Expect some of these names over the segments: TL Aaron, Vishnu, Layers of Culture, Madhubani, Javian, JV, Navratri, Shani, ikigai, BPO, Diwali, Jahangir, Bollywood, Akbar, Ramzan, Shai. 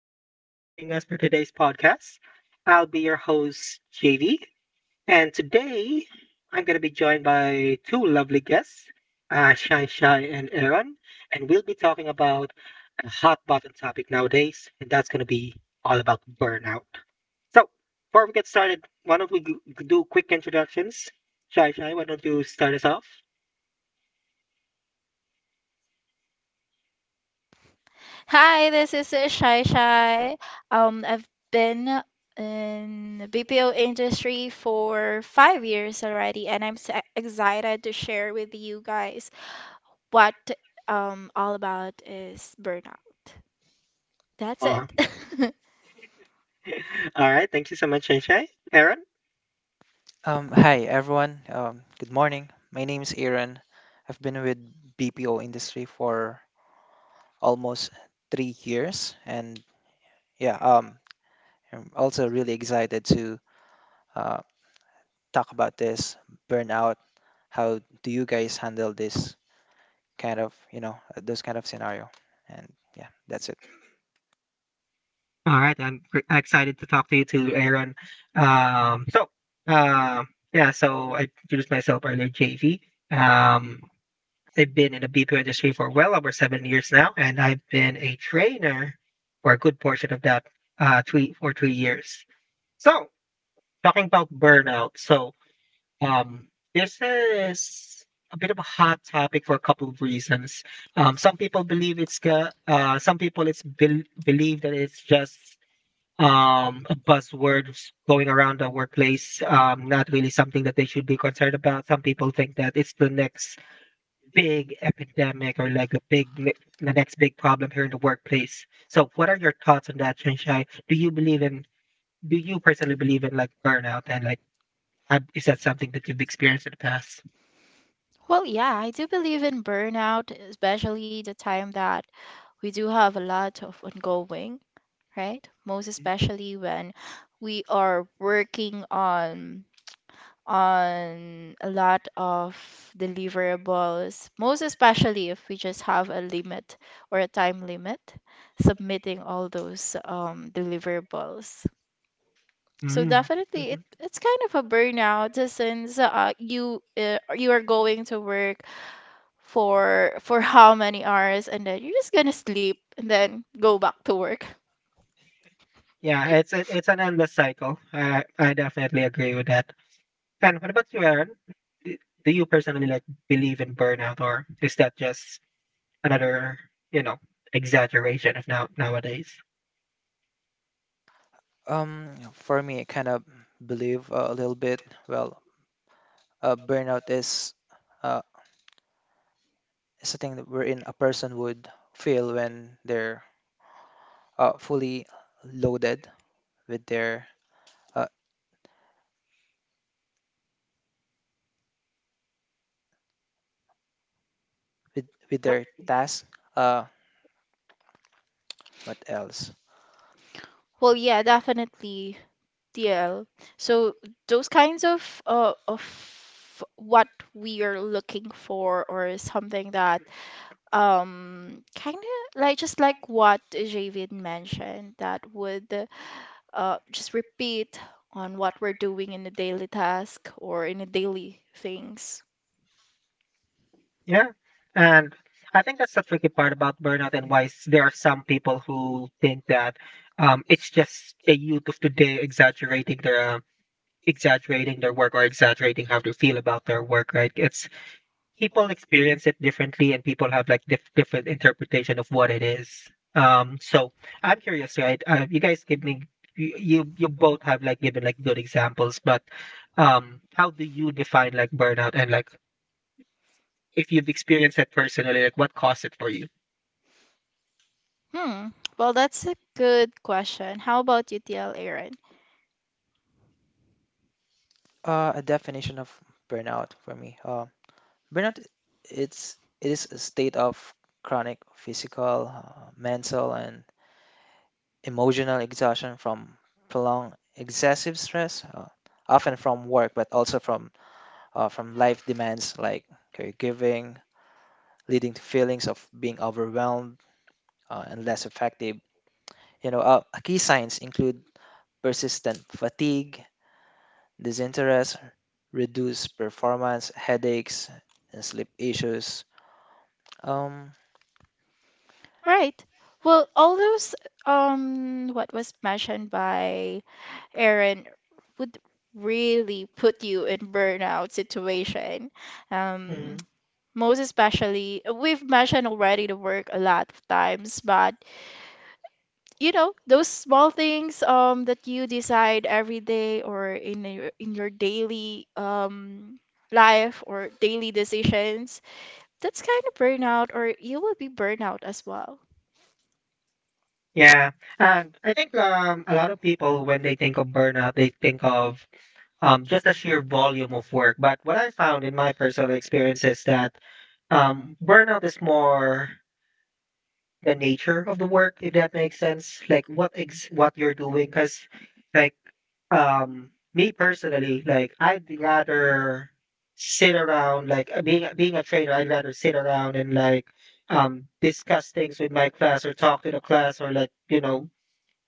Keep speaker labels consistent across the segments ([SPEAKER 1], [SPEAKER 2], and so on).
[SPEAKER 1] everyone for joining us for today's podcast. I'll be your host, JV, and today I'm going to be joined by two lovely guests, Shine Shai and Aaron, and we'll be talking about a hot button topic nowadays, and that's going to be all about burnout. So, before we get started, why don't we do quick introductions? Shai Shai, why don't you start us off?
[SPEAKER 2] Hi, this is Shai Shai. I've been in the BPO industry for 5 years already, and I'm so excited to share with you guys what all about is burnout. That's
[SPEAKER 1] Uh,
[SPEAKER 2] it.
[SPEAKER 1] all right. Thank you so much, Shai Shai. Aaron?
[SPEAKER 3] Hi everyone. Good morning. My name is Aaron. I've been with BPO industry for almost 3 years, and yeah, I'm also really excited to uh, talk about this burnout. How do you guys handle this kind of those kind of scenario? And yeah, that's it.
[SPEAKER 1] All right, excited to talk to you too, Aaron. So, uh, yeah, so I introduced myself earlier, JV. Um, I've been in the BPO industry for well over seven years now, and I've been a trainer for a good portion of that, uh, three years. So, talking about burnout, so Um, this is a bit of a hot topic for a couple of reasons. Some people believe some people it's bel believe that it's just a buzzword going around the workplace, not really something that they should be concerned about. Some people think that it's the next big epidemic or like the next big problem here in the workplace. So, what are your thoughts on that, Shanshai? Do you believe in do you personally believe in like burnout, and like have, is that something that you've experienced in the past?
[SPEAKER 2] Well, yeah, I do believe in burnout, especially the time that we do have a lot of ongoing, right? Most especially when we are working on a lot of deliverables, most especially if we just have a limit or a time limit submitting all those deliverables. So
[SPEAKER 1] Mm.
[SPEAKER 2] definitely, it,
[SPEAKER 1] Mhm.
[SPEAKER 2] it's kind of a burnout since you you are going to work for how many hours and then you're just gonna sleep and then go back to work.
[SPEAKER 1] Yeah, it's an endless cycle. I definitely agree with that. And what about you, Aaron? D- Do you personally like believe in burnout, or is that just another, you know, exaggeration of nowadays?
[SPEAKER 3] For me, I kind of believe a little bit. Well, burnout uh, is a thing that wherein a person would feel when they're fully loaded with their uh, with
[SPEAKER 1] Yep.
[SPEAKER 3] their task. Uh, what else?
[SPEAKER 2] Well, yeah, definitely. Yeah. So those kinds of what we are looking for or is something that kind of like just like what Javian mentioned that would just repeat on what we're doing in a daily task or in a daily things.
[SPEAKER 1] Yeah. And I think that's the tricky part about burnout, and why there are some people who think that it's just the youth of today exaggerating their uh, work or exaggerating how they feel about their work, right? It's people experience it differently, and people have like different interpretation of what it is. So I'm curious, right? You guys give me, you both have like given like good examples, but um, how do you define like burnout, and like if you've experienced it personally, like what caused it for you?
[SPEAKER 2] Hmm. Well, that's a good question. How about you, TL Aaron?
[SPEAKER 3] A definition of burnout for me. Burnout i- it's it is a state of chronic physical, mental, and emotional exhaustion from prolonged excessive stress, often from work, but also from life demands like caregiving, leading to feelings of being overwhelmed and less effective. You know, key signs include persistent fatigue, disinterest, reduced performance, headaches, and sleep issues. Um,
[SPEAKER 2] Right. Well, all those what was mentioned by Aaron would really put you in burnout situation. Um,
[SPEAKER 1] Mhm.
[SPEAKER 2] most especially, we've mentioned already the work a lot of times, but you know those small things that you decide every day or in your daily life or daily decisions. That's kind of burnout, or you will be burnout as well.
[SPEAKER 1] Yeah, and I think um, a lot of people when they think of burnout, they think of just the sheer volume of work. But what I found in my personal experience is that burnout is more the nature of the work, if that makes sense, like what you're doing, because like um, me personally, like I'd rather sit around like being a trainer, I'd rather sit around and like um, discuss things with my class, or talk to the class, or like you know,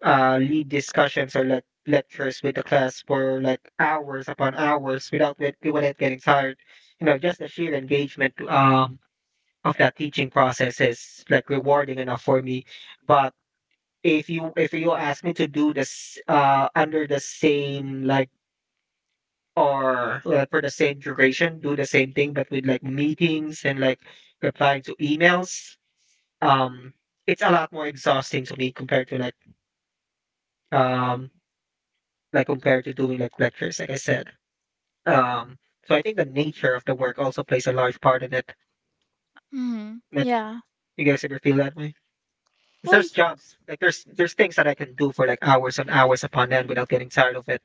[SPEAKER 1] uh, lead discussions, or like lectures with the class for like hours upon hours without without getting tired, you know, just the sheer engagement um, of that teaching process is like rewarding enough for me. But if you ask me to do this uh, under the same like, or like for the same duration, do the same thing but with like meetings and like replying to emails, um, it's a lot more exhausting to me compared to like um, like compared to doing like lectures, like I said. Um, so I think the nature of the work also plays a large part in it,
[SPEAKER 2] Hmm.
[SPEAKER 1] but
[SPEAKER 2] Yeah.
[SPEAKER 1] you guys ever feel that way? 'Cause
[SPEAKER 2] Well.
[SPEAKER 1] there's jobs like there's things that I can do for like hours and hours upon end without getting tired of it.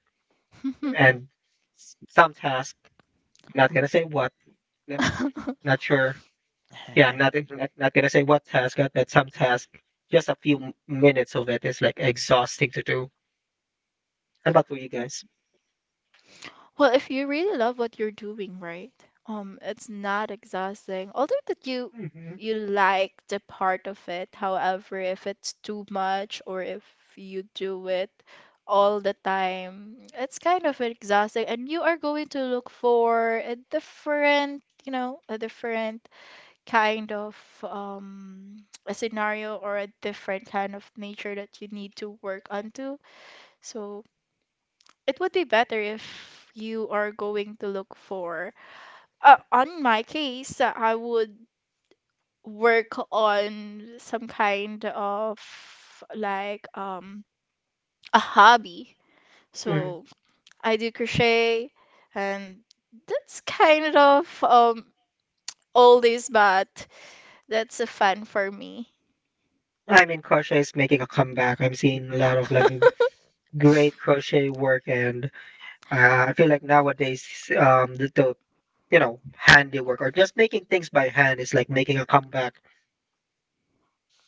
[SPEAKER 2] Mhm.
[SPEAKER 1] And some task, I'm not gonna say what. I'm not sure. Yeah, I'm not gonna say what task, but some task, just a few minutes of it is like exhausting to do. How about for you guys?
[SPEAKER 2] Well, if you really love what you're doing, right? It's not exhausting. Although that you
[SPEAKER 1] Mm-hmm.
[SPEAKER 2] you like the part of it. However, if it's too much or if you do it all the time, it's kind of exhausting and you are going to look for a different, you know, a different kind of a scenario or a different kind of nature that you need to work onto. So it would be better if you are going to look for on my case I would work on some kind of like a hobby,
[SPEAKER 1] Mm.
[SPEAKER 2] so I do crochet and that's kind of oldies but that's a fun for me.
[SPEAKER 1] I mean, crochet is making a comeback. I'm seeing a lot of like great crochet work, and I feel like nowadays, the you know, handiwork or just making things by hand is like making a comeback.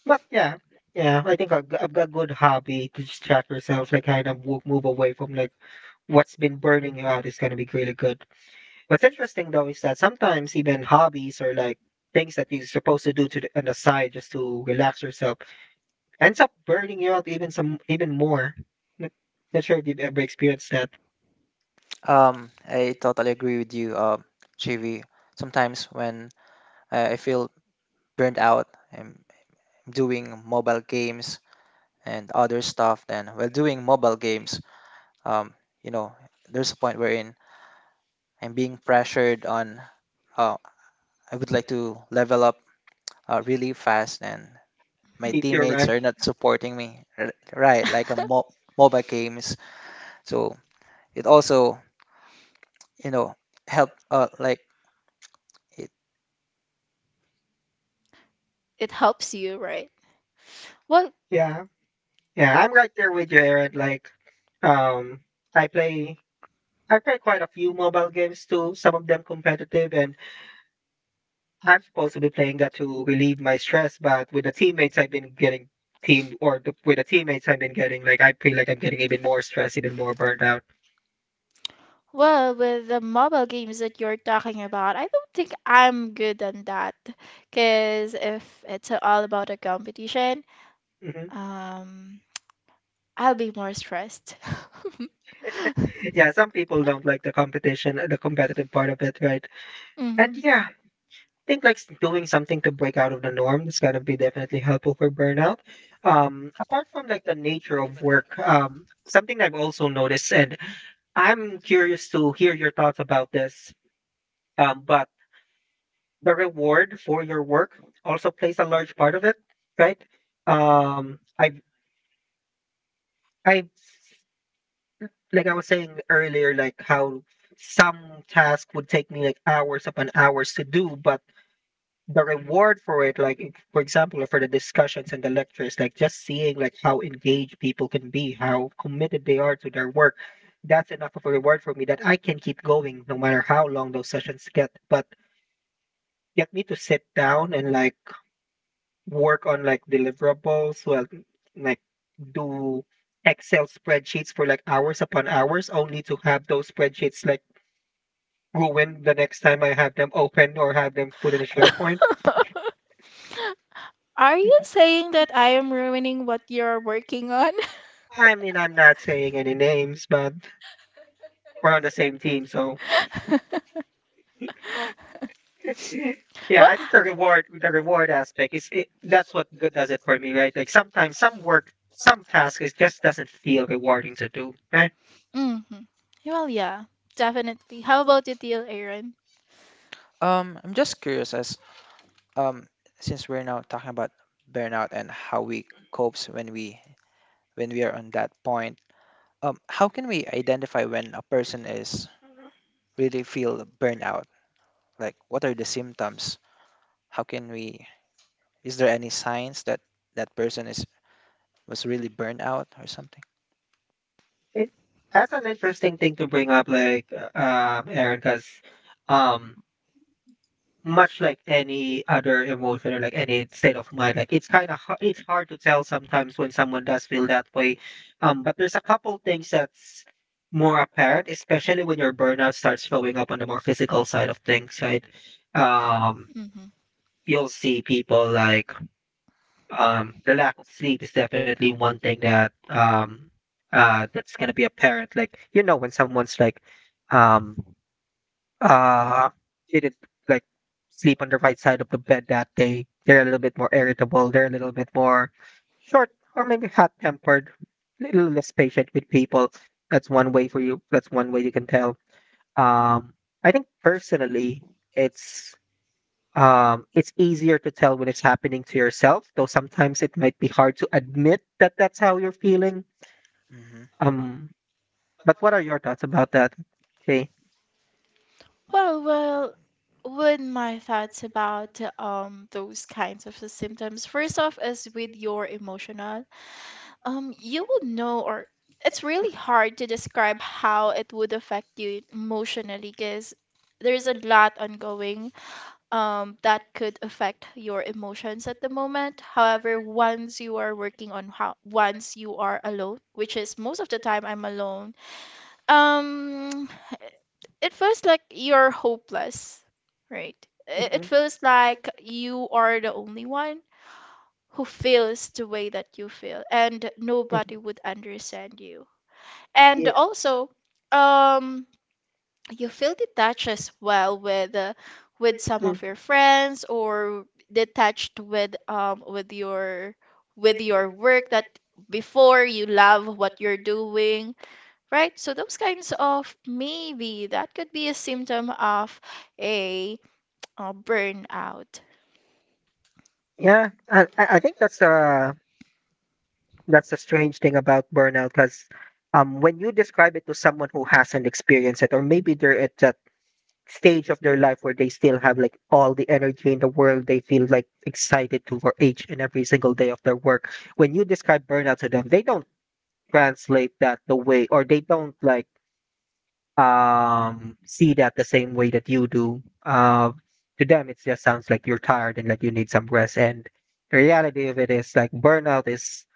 [SPEAKER 1] But yeah, yeah, I think a, a good hobby to distract yourself, like kind of move away from like what's been burning you out is going to be really good. What's interesting though is that sometimes even hobbies, or like things that you're supposed to do to on the side just to relax yourself ends up burning you out even some even more. N- Not sure if you've ever experienced that.
[SPEAKER 3] I totally agree with you, Chivi. Sometimes when I feel burnt out, I'm doing mobile games and other stuff. Then while doing mobile games, um, you know, there's a point wherein I'm being pressured on. Uh, I would like to level up really fast, and my
[SPEAKER 2] Mhm.
[SPEAKER 1] Keep your
[SPEAKER 3] teammates
[SPEAKER 1] rank.
[SPEAKER 3] are not supporting me right like mobile games, so it also, you know, help, like it
[SPEAKER 2] It helps you, right? Well.
[SPEAKER 1] Yeah, yeah, I'm right there with you, Aaron. Like, um, I play I play quite a few mobile games too, some of them competitive, and I'm supposed to be playing that to relieve my stress. But with the teammates, I've been getting with the teammates, I've been getting like I feel like I'm getting even more stressed, even more burned out.
[SPEAKER 2] Well, with the mobile games that you're talking about, I don't think I'm good on that. Because if it's all about a competition,
[SPEAKER 1] Hmm.
[SPEAKER 2] um, I'll be more stressed.
[SPEAKER 1] Yeah, some people don't like the competition, the competitive part of it, right?
[SPEAKER 2] Hmm.
[SPEAKER 1] And yeah, I think like doing something to break out of the norm is gonna be definitely helpful for burnout. Apart from like the nature of work, something I've also noticed, and I'm curious to hear your thoughts about this. Um, but the reward for your work also plays a large part of it, right? Um, I I like I was saying earlier, like how some task would take me like hours upon hours to do, but the reward for it, like for example, for the discussions and the lectures, like just seeing like how engaged people can be, how committed they are to their work, that's enough of a reward for me that I can keep going no matter how long those sessions get. But get me to sit down and like work on like deliverables, well, like do Excel spreadsheets for like hours upon hours, only to have those spreadsheets like ruined the next time I have them open, or have them put in a SharePoint.
[SPEAKER 2] Are you saying that I am ruining what you're working on?
[SPEAKER 1] I mean, I'm not saying any names, but we're on the same team, so yeah,
[SPEAKER 2] Well.
[SPEAKER 1] I think the reward aspect is it, that's what does it for me, right? Like sometimes some work, some task is just doesn't feel rewarding to do, right?
[SPEAKER 2] Hmm. Well, yeah, definitely. How about you, deal, Aaron?
[SPEAKER 3] um I'm just curious as, um since we're now talking about burnout and how we copes when we are on that point, how can we identify when a person is really feel burnout? Like what are the symptoms? How can we Is there any signs that that person is was really burned out or something?
[SPEAKER 1] It, that's an interesting thing to bring up, like Aaron, because um, much like any other emotion or like any state of mind, like it's kind of it's hard to tell sometimes when someone does feel that way. But there's a couple things that's more apparent, especially when your burnout starts showing up on the more physical side of things, right? Um,
[SPEAKER 2] Hmm.
[SPEAKER 1] you'll see people like the lack of sleep is definitely one thing that that's gonna be apparent. Like you know, when someone's like, um, uh, didn't like sleep on the right side of the bed that day, they're a little bit more irritable. They're a little bit more short, or maybe hot tempered, a little less patient with people. That's one way for you. That's one way you can tell. Um, I think personally, it's it's easier to tell when it's happening to yourself, though sometimes it might be hard to admit that that's how you're feeling.
[SPEAKER 3] hmm
[SPEAKER 1] Um, but what are your thoughts about that, Shay?
[SPEAKER 2] Well, well, with my thoughts about those kinds of the symptoms, first off is with your emotional. You would know, or it's really hard to describe how it would affect you emotionally, because there's a lot ongoing that could affect your emotions at the moment. However, once you are working on how once you are alone, which is most of the time I'm alone, um, it feels like you're hopeless, right? I- It
[SPEAKER 1] Mhm.
[SPEAKER 2] feels like you are the only one who feels the way that you feel, and
[SPEAKER 1] Mhm.
[SPEAKER 2] nobody would understand you. And
[SPEAKER 1] Yeah.
[SPEAKER 2] also, um, you feel detached as well with some
[SPEAKER 1] Mm.
[SPEAKER 2] of your friends, or detached with your work that before you love what you're doing, right? So those kinds of maybe that could be a symptom of a, burnout.
[SPEAKER 1] Yeah, I think that's the strange thing about burnout, because um, when you describe it to someone who hasn't experienced it, or maybe they're at that stage of their life where they still have like all the energy in the world. They feel like excited to for each and every single day of their work. When you describe burnout to them, they don't translate that the way, or they don't like um, see that the same way that you do. To them, it just sounds like you're tired and like you need some rest. And the reality of it is like burnout is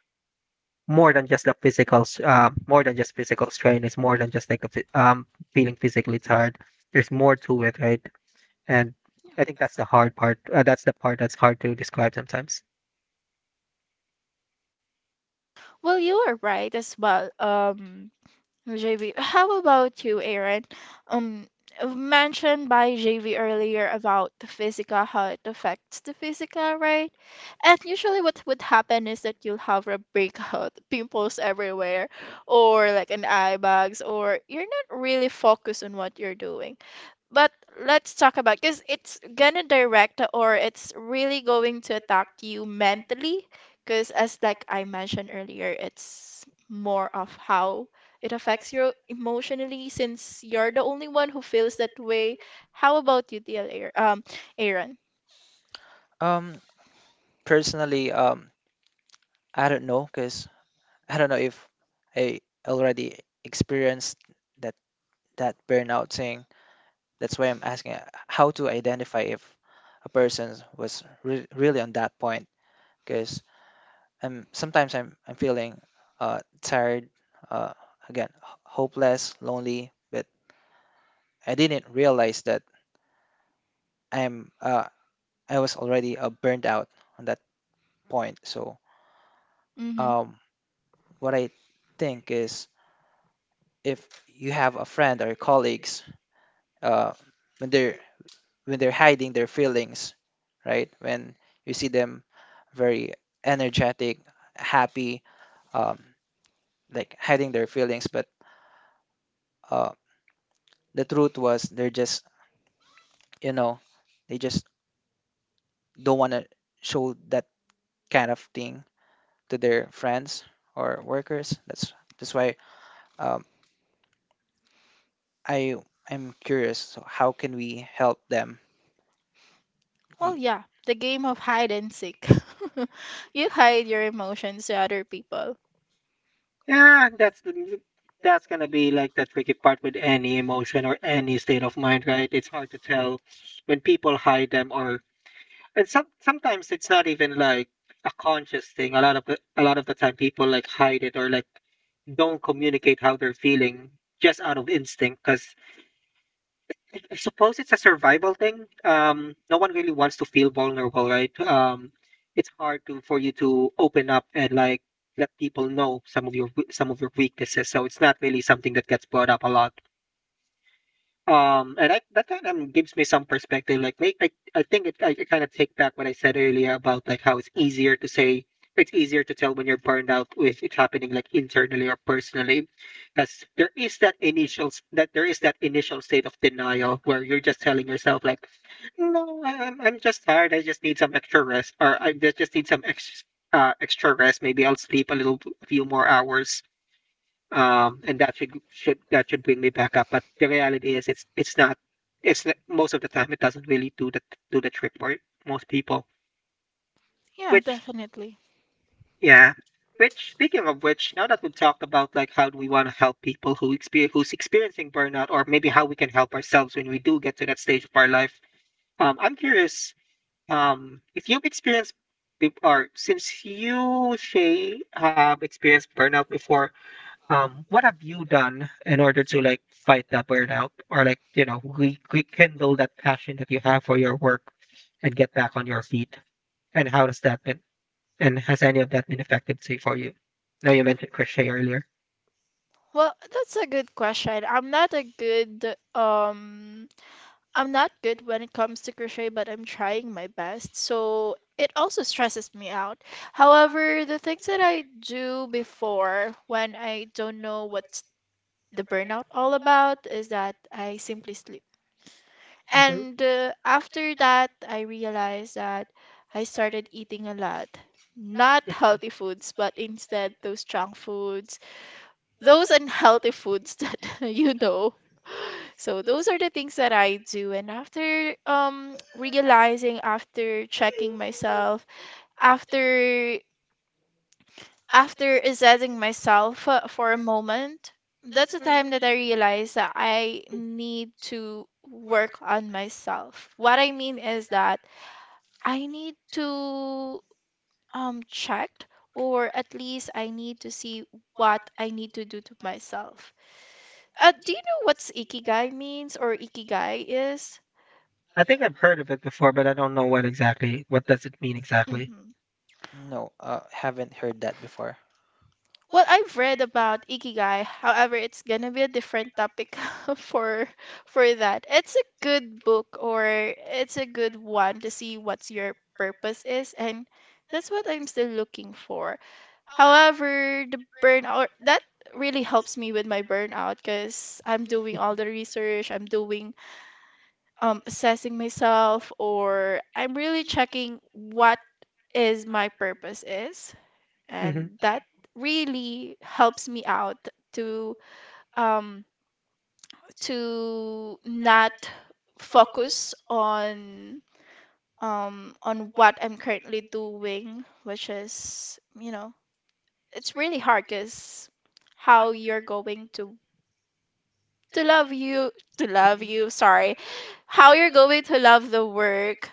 [SPEAKER 1] more than just a more than just physical strain. It's more than just like a, um, feeling physically tired. There's more to it, right? And I think that's the hard part. That's the part that's hard to describe sometimes.
[SPEAKER 2] Well, you are right as well, JV. How about you, Aaron? Um, mentioned by JV earlier about the physical, how it affects the physical, right? And usually, what would happen is that you'll have a breakout, pimples everywhere, or like an eye bags, or you're not really focused on what you're doing. But let's talk about because it's gonna direct or it's really going to attack you mentally. Because as like I mentioned earlier, it's more of how it affects you emotionally since you're the only one who feels that way. How about you, Aaron?
[SPEAKER 3] um Personally, I don't know because I don't know if I already experienced that that burnout thing. That's why I'm asking how to identify if a person was really on that point. Because I'm sometimes I'm feeling tired, uh, again, hopeless, lonely, but I didn't realize that I'm uh, I was already burned out on that point. So
[SPEAKER 2] Mm-hmm.
[SPEAKER 3] um, what I think is, if you have a friend or colleagues, uh, when they're when they're hiding their feelings, right? When you see them very energetic, happy, um, like hiding their feelings, but uh, the truth was they're just, you know, they just don't want to show that kind of thing to their friends or workers. That's why, um, i I'm curious, so how can we help them?
[SPEAKER 2] Well,
[SPEAKER 3] Y-
[SPEAKER 2] yeah, the game of hide and seek. You hide your emotions to other people.
[SPEAKER 1] Yeah, that's gonna be like the tricky part with any emotion or any state of mind, right? It's hard to tell when people hide them, or and some sometimes it's not even like a conscious thing. A lot of the time, people like hide it, or like don't communicate how they're feeling just out of instinct, because I suppose it's a survival thing. No one really wants to feel vulnerable, right? It's hard to for you to open up and like let people know some of your some of your weaknesses. So it's not really something that gets brought up a lot. That kind of gives me some perspective. Like, make, I think it, I kind of take back what I said earlier about like how it's easier to say, it's easier to tell when you're burned out if it's happening like internally or personally, because there is that initial state of denial where you're just telling yourself like, no, I'm just tired. I just need some extra rest, or I just need some extra extra rest. Maybe I'll sleep a little, a few more hours and that should bring me back up. But the reality is, it's not. Most of the time it doesn't really do the trick for most people.
[SPEAKER 2] Yeah,
[SPEAKER 1] Which
[SPEAKER 2] definitely.
[SPEAKER 1] yeah. Which speaking of which, now that we've talked about like how do we want to help people who experience who's experiencing burnout, or maybe how we can help ourselves when we do get to that stage of our life. I'm curious. If you've experienced be- or since you, Shay, have experienced burnout before, what have you done in order to like fight that burnout or like rekindle that passion that you have for your work and get back on your feet, and how does that been, and has any of that been effective to for you? Now you mentioned crochet earlier.
[SPEAKER 2] Well, that's a good question. I'm not a good I'm not good when it comes to crochet, but I'm trying my best. So it also stresses me out. However, the things that I do before when I don't know what's the burnout all about is that I simply sleep.
[SPEAKER 1] hmm
[SPEAKER 2] And after that, I realized that I started eating a lot. Not healthy foods, but instead those junk foods, those unhealthy foods that you know, so those are the things that I do. And after realizing, after checking myself, after assessing myself for a moment, that's the time that I realized that I need to work on myself. What I mean is that I need to check or at least I need to see what I need to do to myself. Do you know what's ikigai means or ikigai is?
[SPEAKER 1] I think I've heard of it before, but I don't know what exactly, what does it mean exactly?
[SPEAKER 2] Mhm.
[SPEAKER 3] no, haven't heard that before.
[SPEAKER 2] Well, I've read about Ikigai. However, it's gonna be a different topic for that. It's a good book or it's a good one to see what's your purpose is, and that's what I'm still looking for. However, the burnout that really helps me with my burnout because I'm doing all the research, I'm doing assessing myself, or I'm really checking what is my purpose is,
[SPEAKER 1] hmm
[SPEAKER 2] and that really helps me out to um to not focus on what I'm currently doing, which is, you know, it's really hard because how you're going to love you to love you, sorry, how you're going to love the work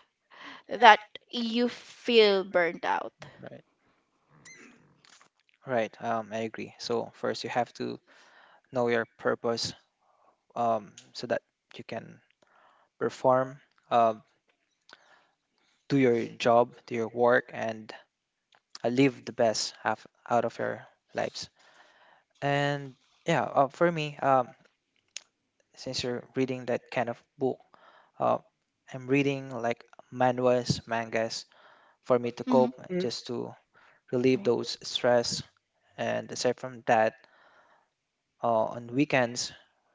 [SPEAKER 2] that you feel burned out.
[SPEAKER 3] Right. Right. I agree. So first you have to know your purpose, so that you can perform, um, do your job, do your work, and live the best half out of your lives. And yeah, for me, since you're reading that kind of book, uh, I'm reading like manuals, mangas for me to
[SPEAKER 2] Mhm.
[SPEAKER 3] cope, just to relieve
[SPEAKER 2] Oh.
[SPEAKER 3] those stress. And aside from that, on weekends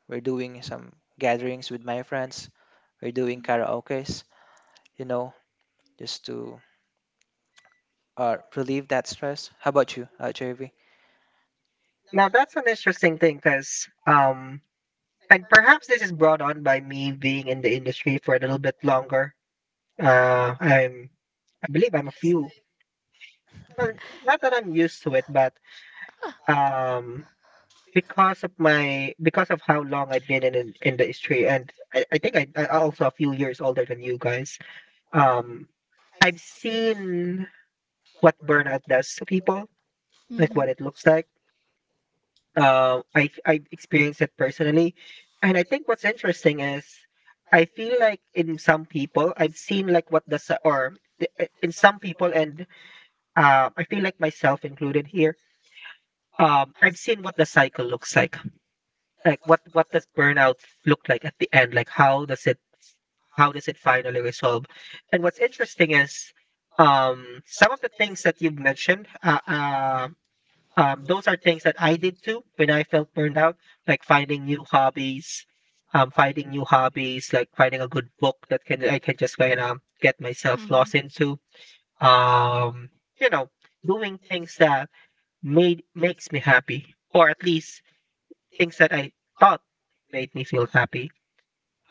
[SPEAKER 3] we're doing some gatherings with my friends or doing karaoke's, you know, just to relieve that stress. How about you, JV?
[SPEAKER 1] now that's an interesting thing, because and perhaps this is brought on by me being in the industry for a little bit longer. Uh, I'm, I believe I'm a few. Well, not that I'm used to it, but um, because of my, because of how long I've been in the industry, and I think I also a few years older than you guys. Um, I've seen what burnout does to people, like
[SPEAKER 2] Mm-hmm.
[SPEAKER 1] what it looks like. Um, I experienced it personally, and I think what's interesting is I feel like in some people I've seen like what the s- or the- in some people, and I feel like myself included here. I've seen what the cycle looks like what does burnout look like at the end, like how does it, finally resolve? And what's interesting is some of the things that you've mentioned. Those are things that I did too when I felt burned out, like finding new hobbies, like finding a good book that can I can just kind of get myself
[SPEAKER 2] Mm-hmm.
[SPEAKER 1] lost into. Um, you know, Doing things that made makes me happy, or at least things that I thought made me feel happy.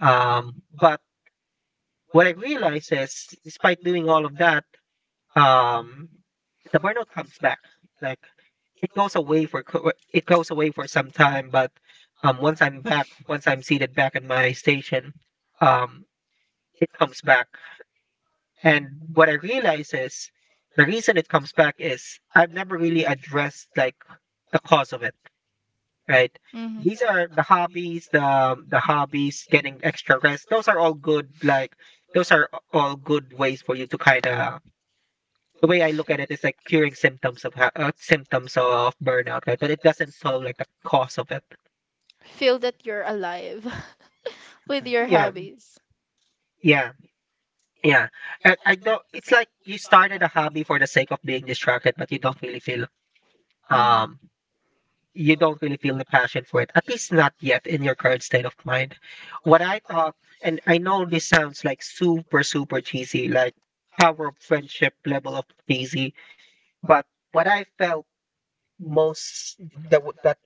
[SPEAKER 1] But what I realized is, despite doing all of that, um the burnout comes back. Like, it goes away for some time, but once I'm back, once I'm seated back in my station, um it comes back. And what I realize is the reason it comes back is I've never really addressed like the cause of it, right?
[SPEAKER 2] Mm-hmm.
[SPEAKER 1] These are the hobbies, the hobbies, getting extra rest, those are all good. Like, those are all good ways for you to kind of, the way I look at it is like curing symptoms of symptoms of burnout, right? But it doesn't solve like the cause of it.
[SPEAKER 2] Feel, feel that you're alive with
[SPEAKER 3] Mhm.
[SPEAKER 2] your
[SPEAKER 1] Yeah,
[SPEAKER 2] hobbies.
[SPEAKER 1] yeah, yeah. I don't. It's like you started a hobby for the sake of being distracted, but you don't really feel
[SPEAKER 2] Mm-hmm.
[SPEAKER 1] um you don't really feel the passion for it. At least not yet in your current state of mind. What I thought, and I know this sounds like super super cheesy, like power of friendship level of cheesy, but what I felt most the, that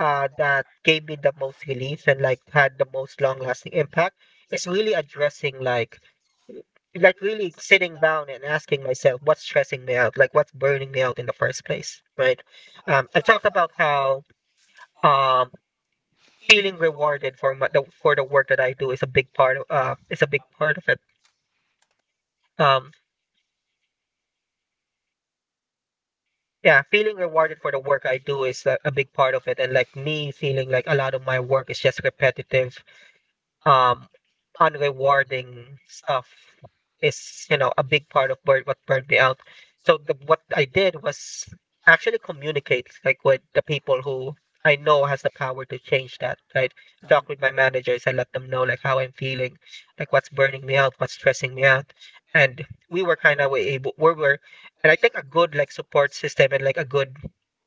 [SPEAKER 1] that gave me the most relief and like had the most long lasting impact is really addressing like w- like really sitting down and asking myself, what's stressing me out, like what's burning me out in the first place, right? I've talked about how um, feeling rewarded for for the work that I do is a big part of is a big part of it. um, yeah, feeling rewarded for the work I do is a big part of it, and like me feeling like a lot of my work is just repetitive, um unrewarding stuff is, you know, a big part of what burned me out. So what I did was actually communicate like with the people who I know has the power to change that, right? I talked with my managers, I let them know like how I'm feeling, like what's burning me out, what's stressing me out. And we were kind of able we were, and I think a good like support system and like a good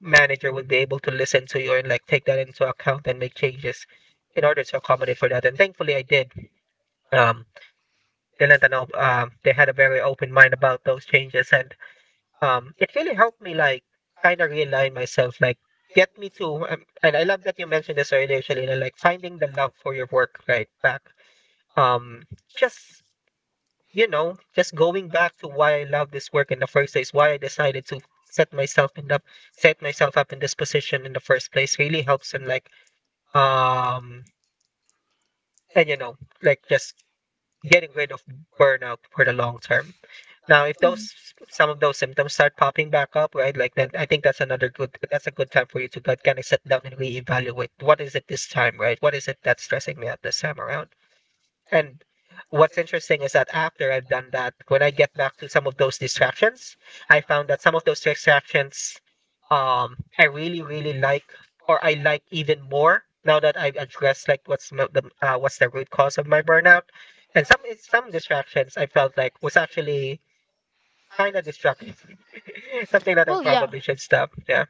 [SPEAKER 1] manager would be able to listen to you and like take that into account and make changes in order to accommodate for that. And thankfully I did. Um, they lent an op- They had a very open mind about those changes, and it really helped me like kind of realign myself, like get me to. And I love that you mentioned this earlier, Shalina, like finding the love for your work right back. Um, just, you know, just going back to why I love this work in the first place, why I decided to set myself in up, set myself up in this position in the first place, really helps in like um, and you know, like just getting rid of burnout for the long term. Now, if
[SPEAKER 2] Mm-hmm.
[SPEAKER 1] those some of those symptoms start popping back up, right? I think that's another good. That's a good time for you to kind of sit down and reevaluate what is it this time, right? What is it that's stressing me out this time around? And what's interesting is that after I've done that, when I get back to some of those distractions, I found that some of those distractions, I really, really like, or I like even more now that I've addressed like what's the root cause of my burnout, and some distractions I felt like was actually kinda distracting. Something that I
[SPEAKER 2] Well, yeah.
[SPEAKER 1] probably should stop. Yeah.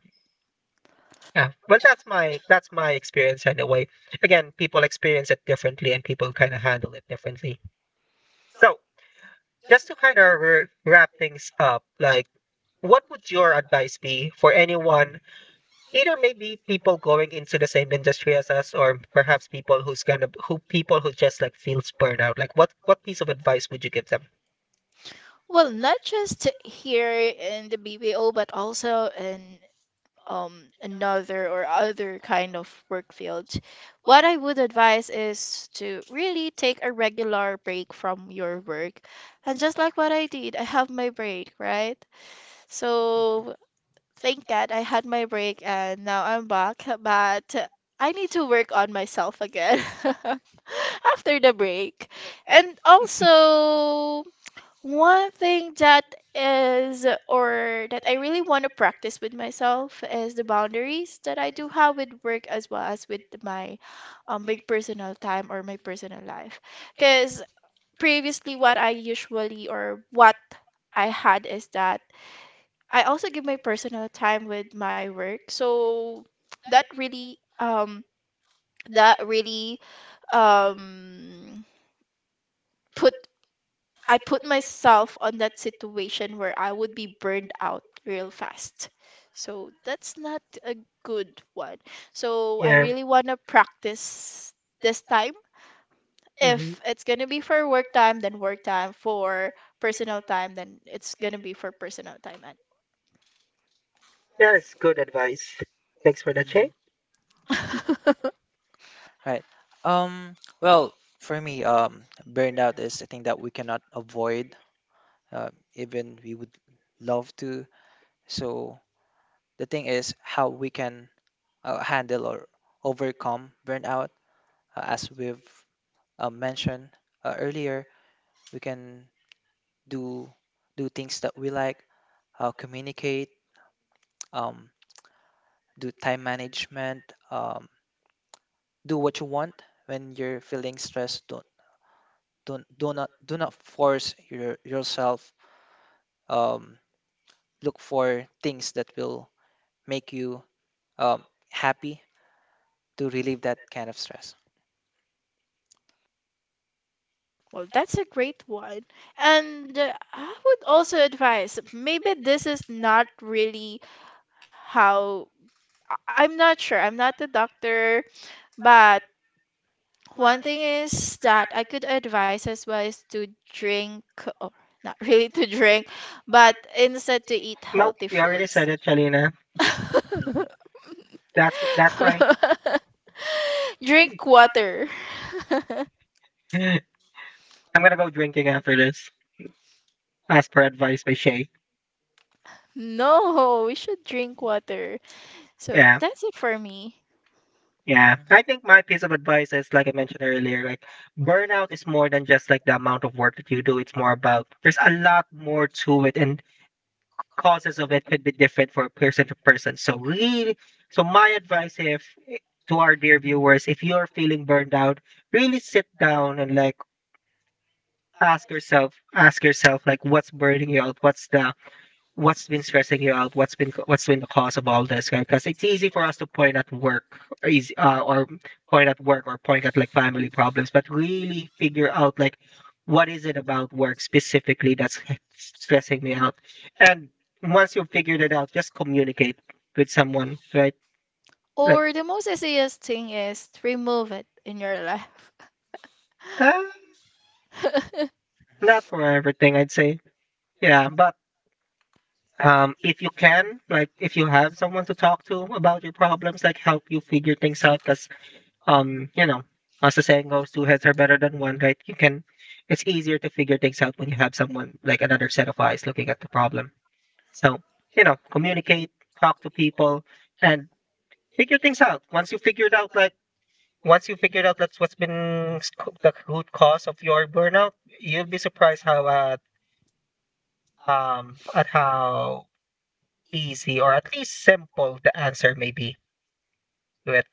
[SPEAKER 1] Yeah. Well, that's my experience anyway. Again, people experience it differently and people kind of handle it differently. So, just to kind of r wrap things up, like what would your advice be for anyone, either maybe people going into the same industry as us, or perhaps people who's kind of who people who just like feels burned out? Like what piece of advice would you give them?
[SPEAKER 2] Well, not just here in the BPO, but also in another or other kind of work field. What I would advise is to really take a regular break from your work. And just like what I did, I have my break, right? So thank God I had my break and now I'm back, but I need to work on myself again after the break. And also, one thing that is, or that I really want to practice with myself is the boundaries that I do have with work as well as with my, my personal time or my personal life. Because previously, what I usually or what I had is that I also give my personal time with my work. So that really, that really, um, put I put myself on that situation where I would be burned out real fast. So that's not a good one. So I
[SPEAKER 1] Yeah.
[SPEAKER 2] really want to practice this time.
[SPEAKER 1] Hmm.
[SPEAKER 2] If it's going to be for work time, then work time. For personal time, then it's going to be for personal time.
[SPEAKER 1] That is good advice. Thanks for that,
[SPEAKER 3] Mhm.
[SPEAKER 1] Shay.
[SPEAKER 2] And
[SPEAKER 3] Right. Um, well, for me, burnout is a thing that we cannot avoid, even we would love to. So the thing is how we can handle or overcome burnout. As we've mentioned earlier, we can do do things that we like, communicate, um, do time management, do what you want when you're feeling stressed. Don't Do not force yourself. Um, look for things that will make you um, happy to relieve that kind of stress.
[SPEAKER 2] well, that's a great one. And I would also advise maybe this is not really how I- I'm not sure. I'm not a doctor, but one thing is that I could advise as well is to drink, or not really to drink, but instead to eat
[SPEAKER 1] Nope,
[SPEAKER 2] healthy
[SPEAKER 1] you already
[SPEAKER 2] foods.
[SPEAKER 1] said it, Chalina. That's my.
[SPEAKER 2] Drink water.
[SPEAKER 1] I'm gonna go drinking after this. As per advice by Shay.
[SPEAKER 2] No, we should drink water. So
[SPEAKER 1] Yeah,
[SPEAKER 2] that's it for me.
[SPEAKER 1] yeah.
[SPEAKER 3] Mhm.
[SPEAKER 1] I think my piece of advice is like I mentioned earlier, like burnout is more than just like the amount of work that you do. It's more about, there's a lot more to it, and causes of it could be different for person to person. So really, so my advice if eh, to our dear viewers, if you're feeling burned out, really sit down and like ask yourself like what's burning you out, what's been stressing you out, what's been the cause of all this, right? Because it's easy for us to point at work, or easy, or point at work or point at like family problems, but really figure out like what is it about work specifically that's stressing me out. And once you've figured it out, just communicate with someone, right? Like
[SPEAKER 2] Or the most easiest thing is to remove it in your life.
[SPEAKER 1] uh, not for everything I'd say, yeah, but if you can, like if you have someone to talk to about your problems, like help you figure things out, because you know, as the saying goes, two heads are better than one, right? You can, it's easier to figure things out when you have someone like another set of eyes looking at the problem. So, you know, communicate, talk to people, and figure things out. Once you figured out, like once you figured out that's what's been the root cause of your burnout, you'll be surprised how at how easy, or at least simple, the answer may be to it.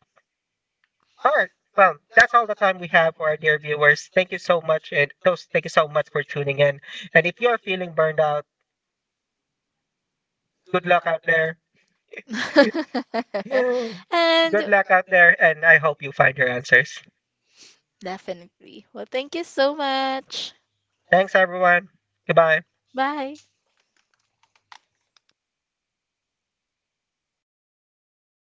[SPEAKER 1] All right. Well, that's all the time we have for our dear viewers. Thank you so much, and those thank you so much for tuning in. And if you're feeling burned out, good luck out there. good
[SPEAKER 2] And
[SPEAKER 1] Luck out there, and I hope you find your answers.
[SPEAKER 2] definitely. Well, thank you so much.
[SPEAKER 1] Thanks, everyone. Goodbye.
[SPEAKER 2] Bye.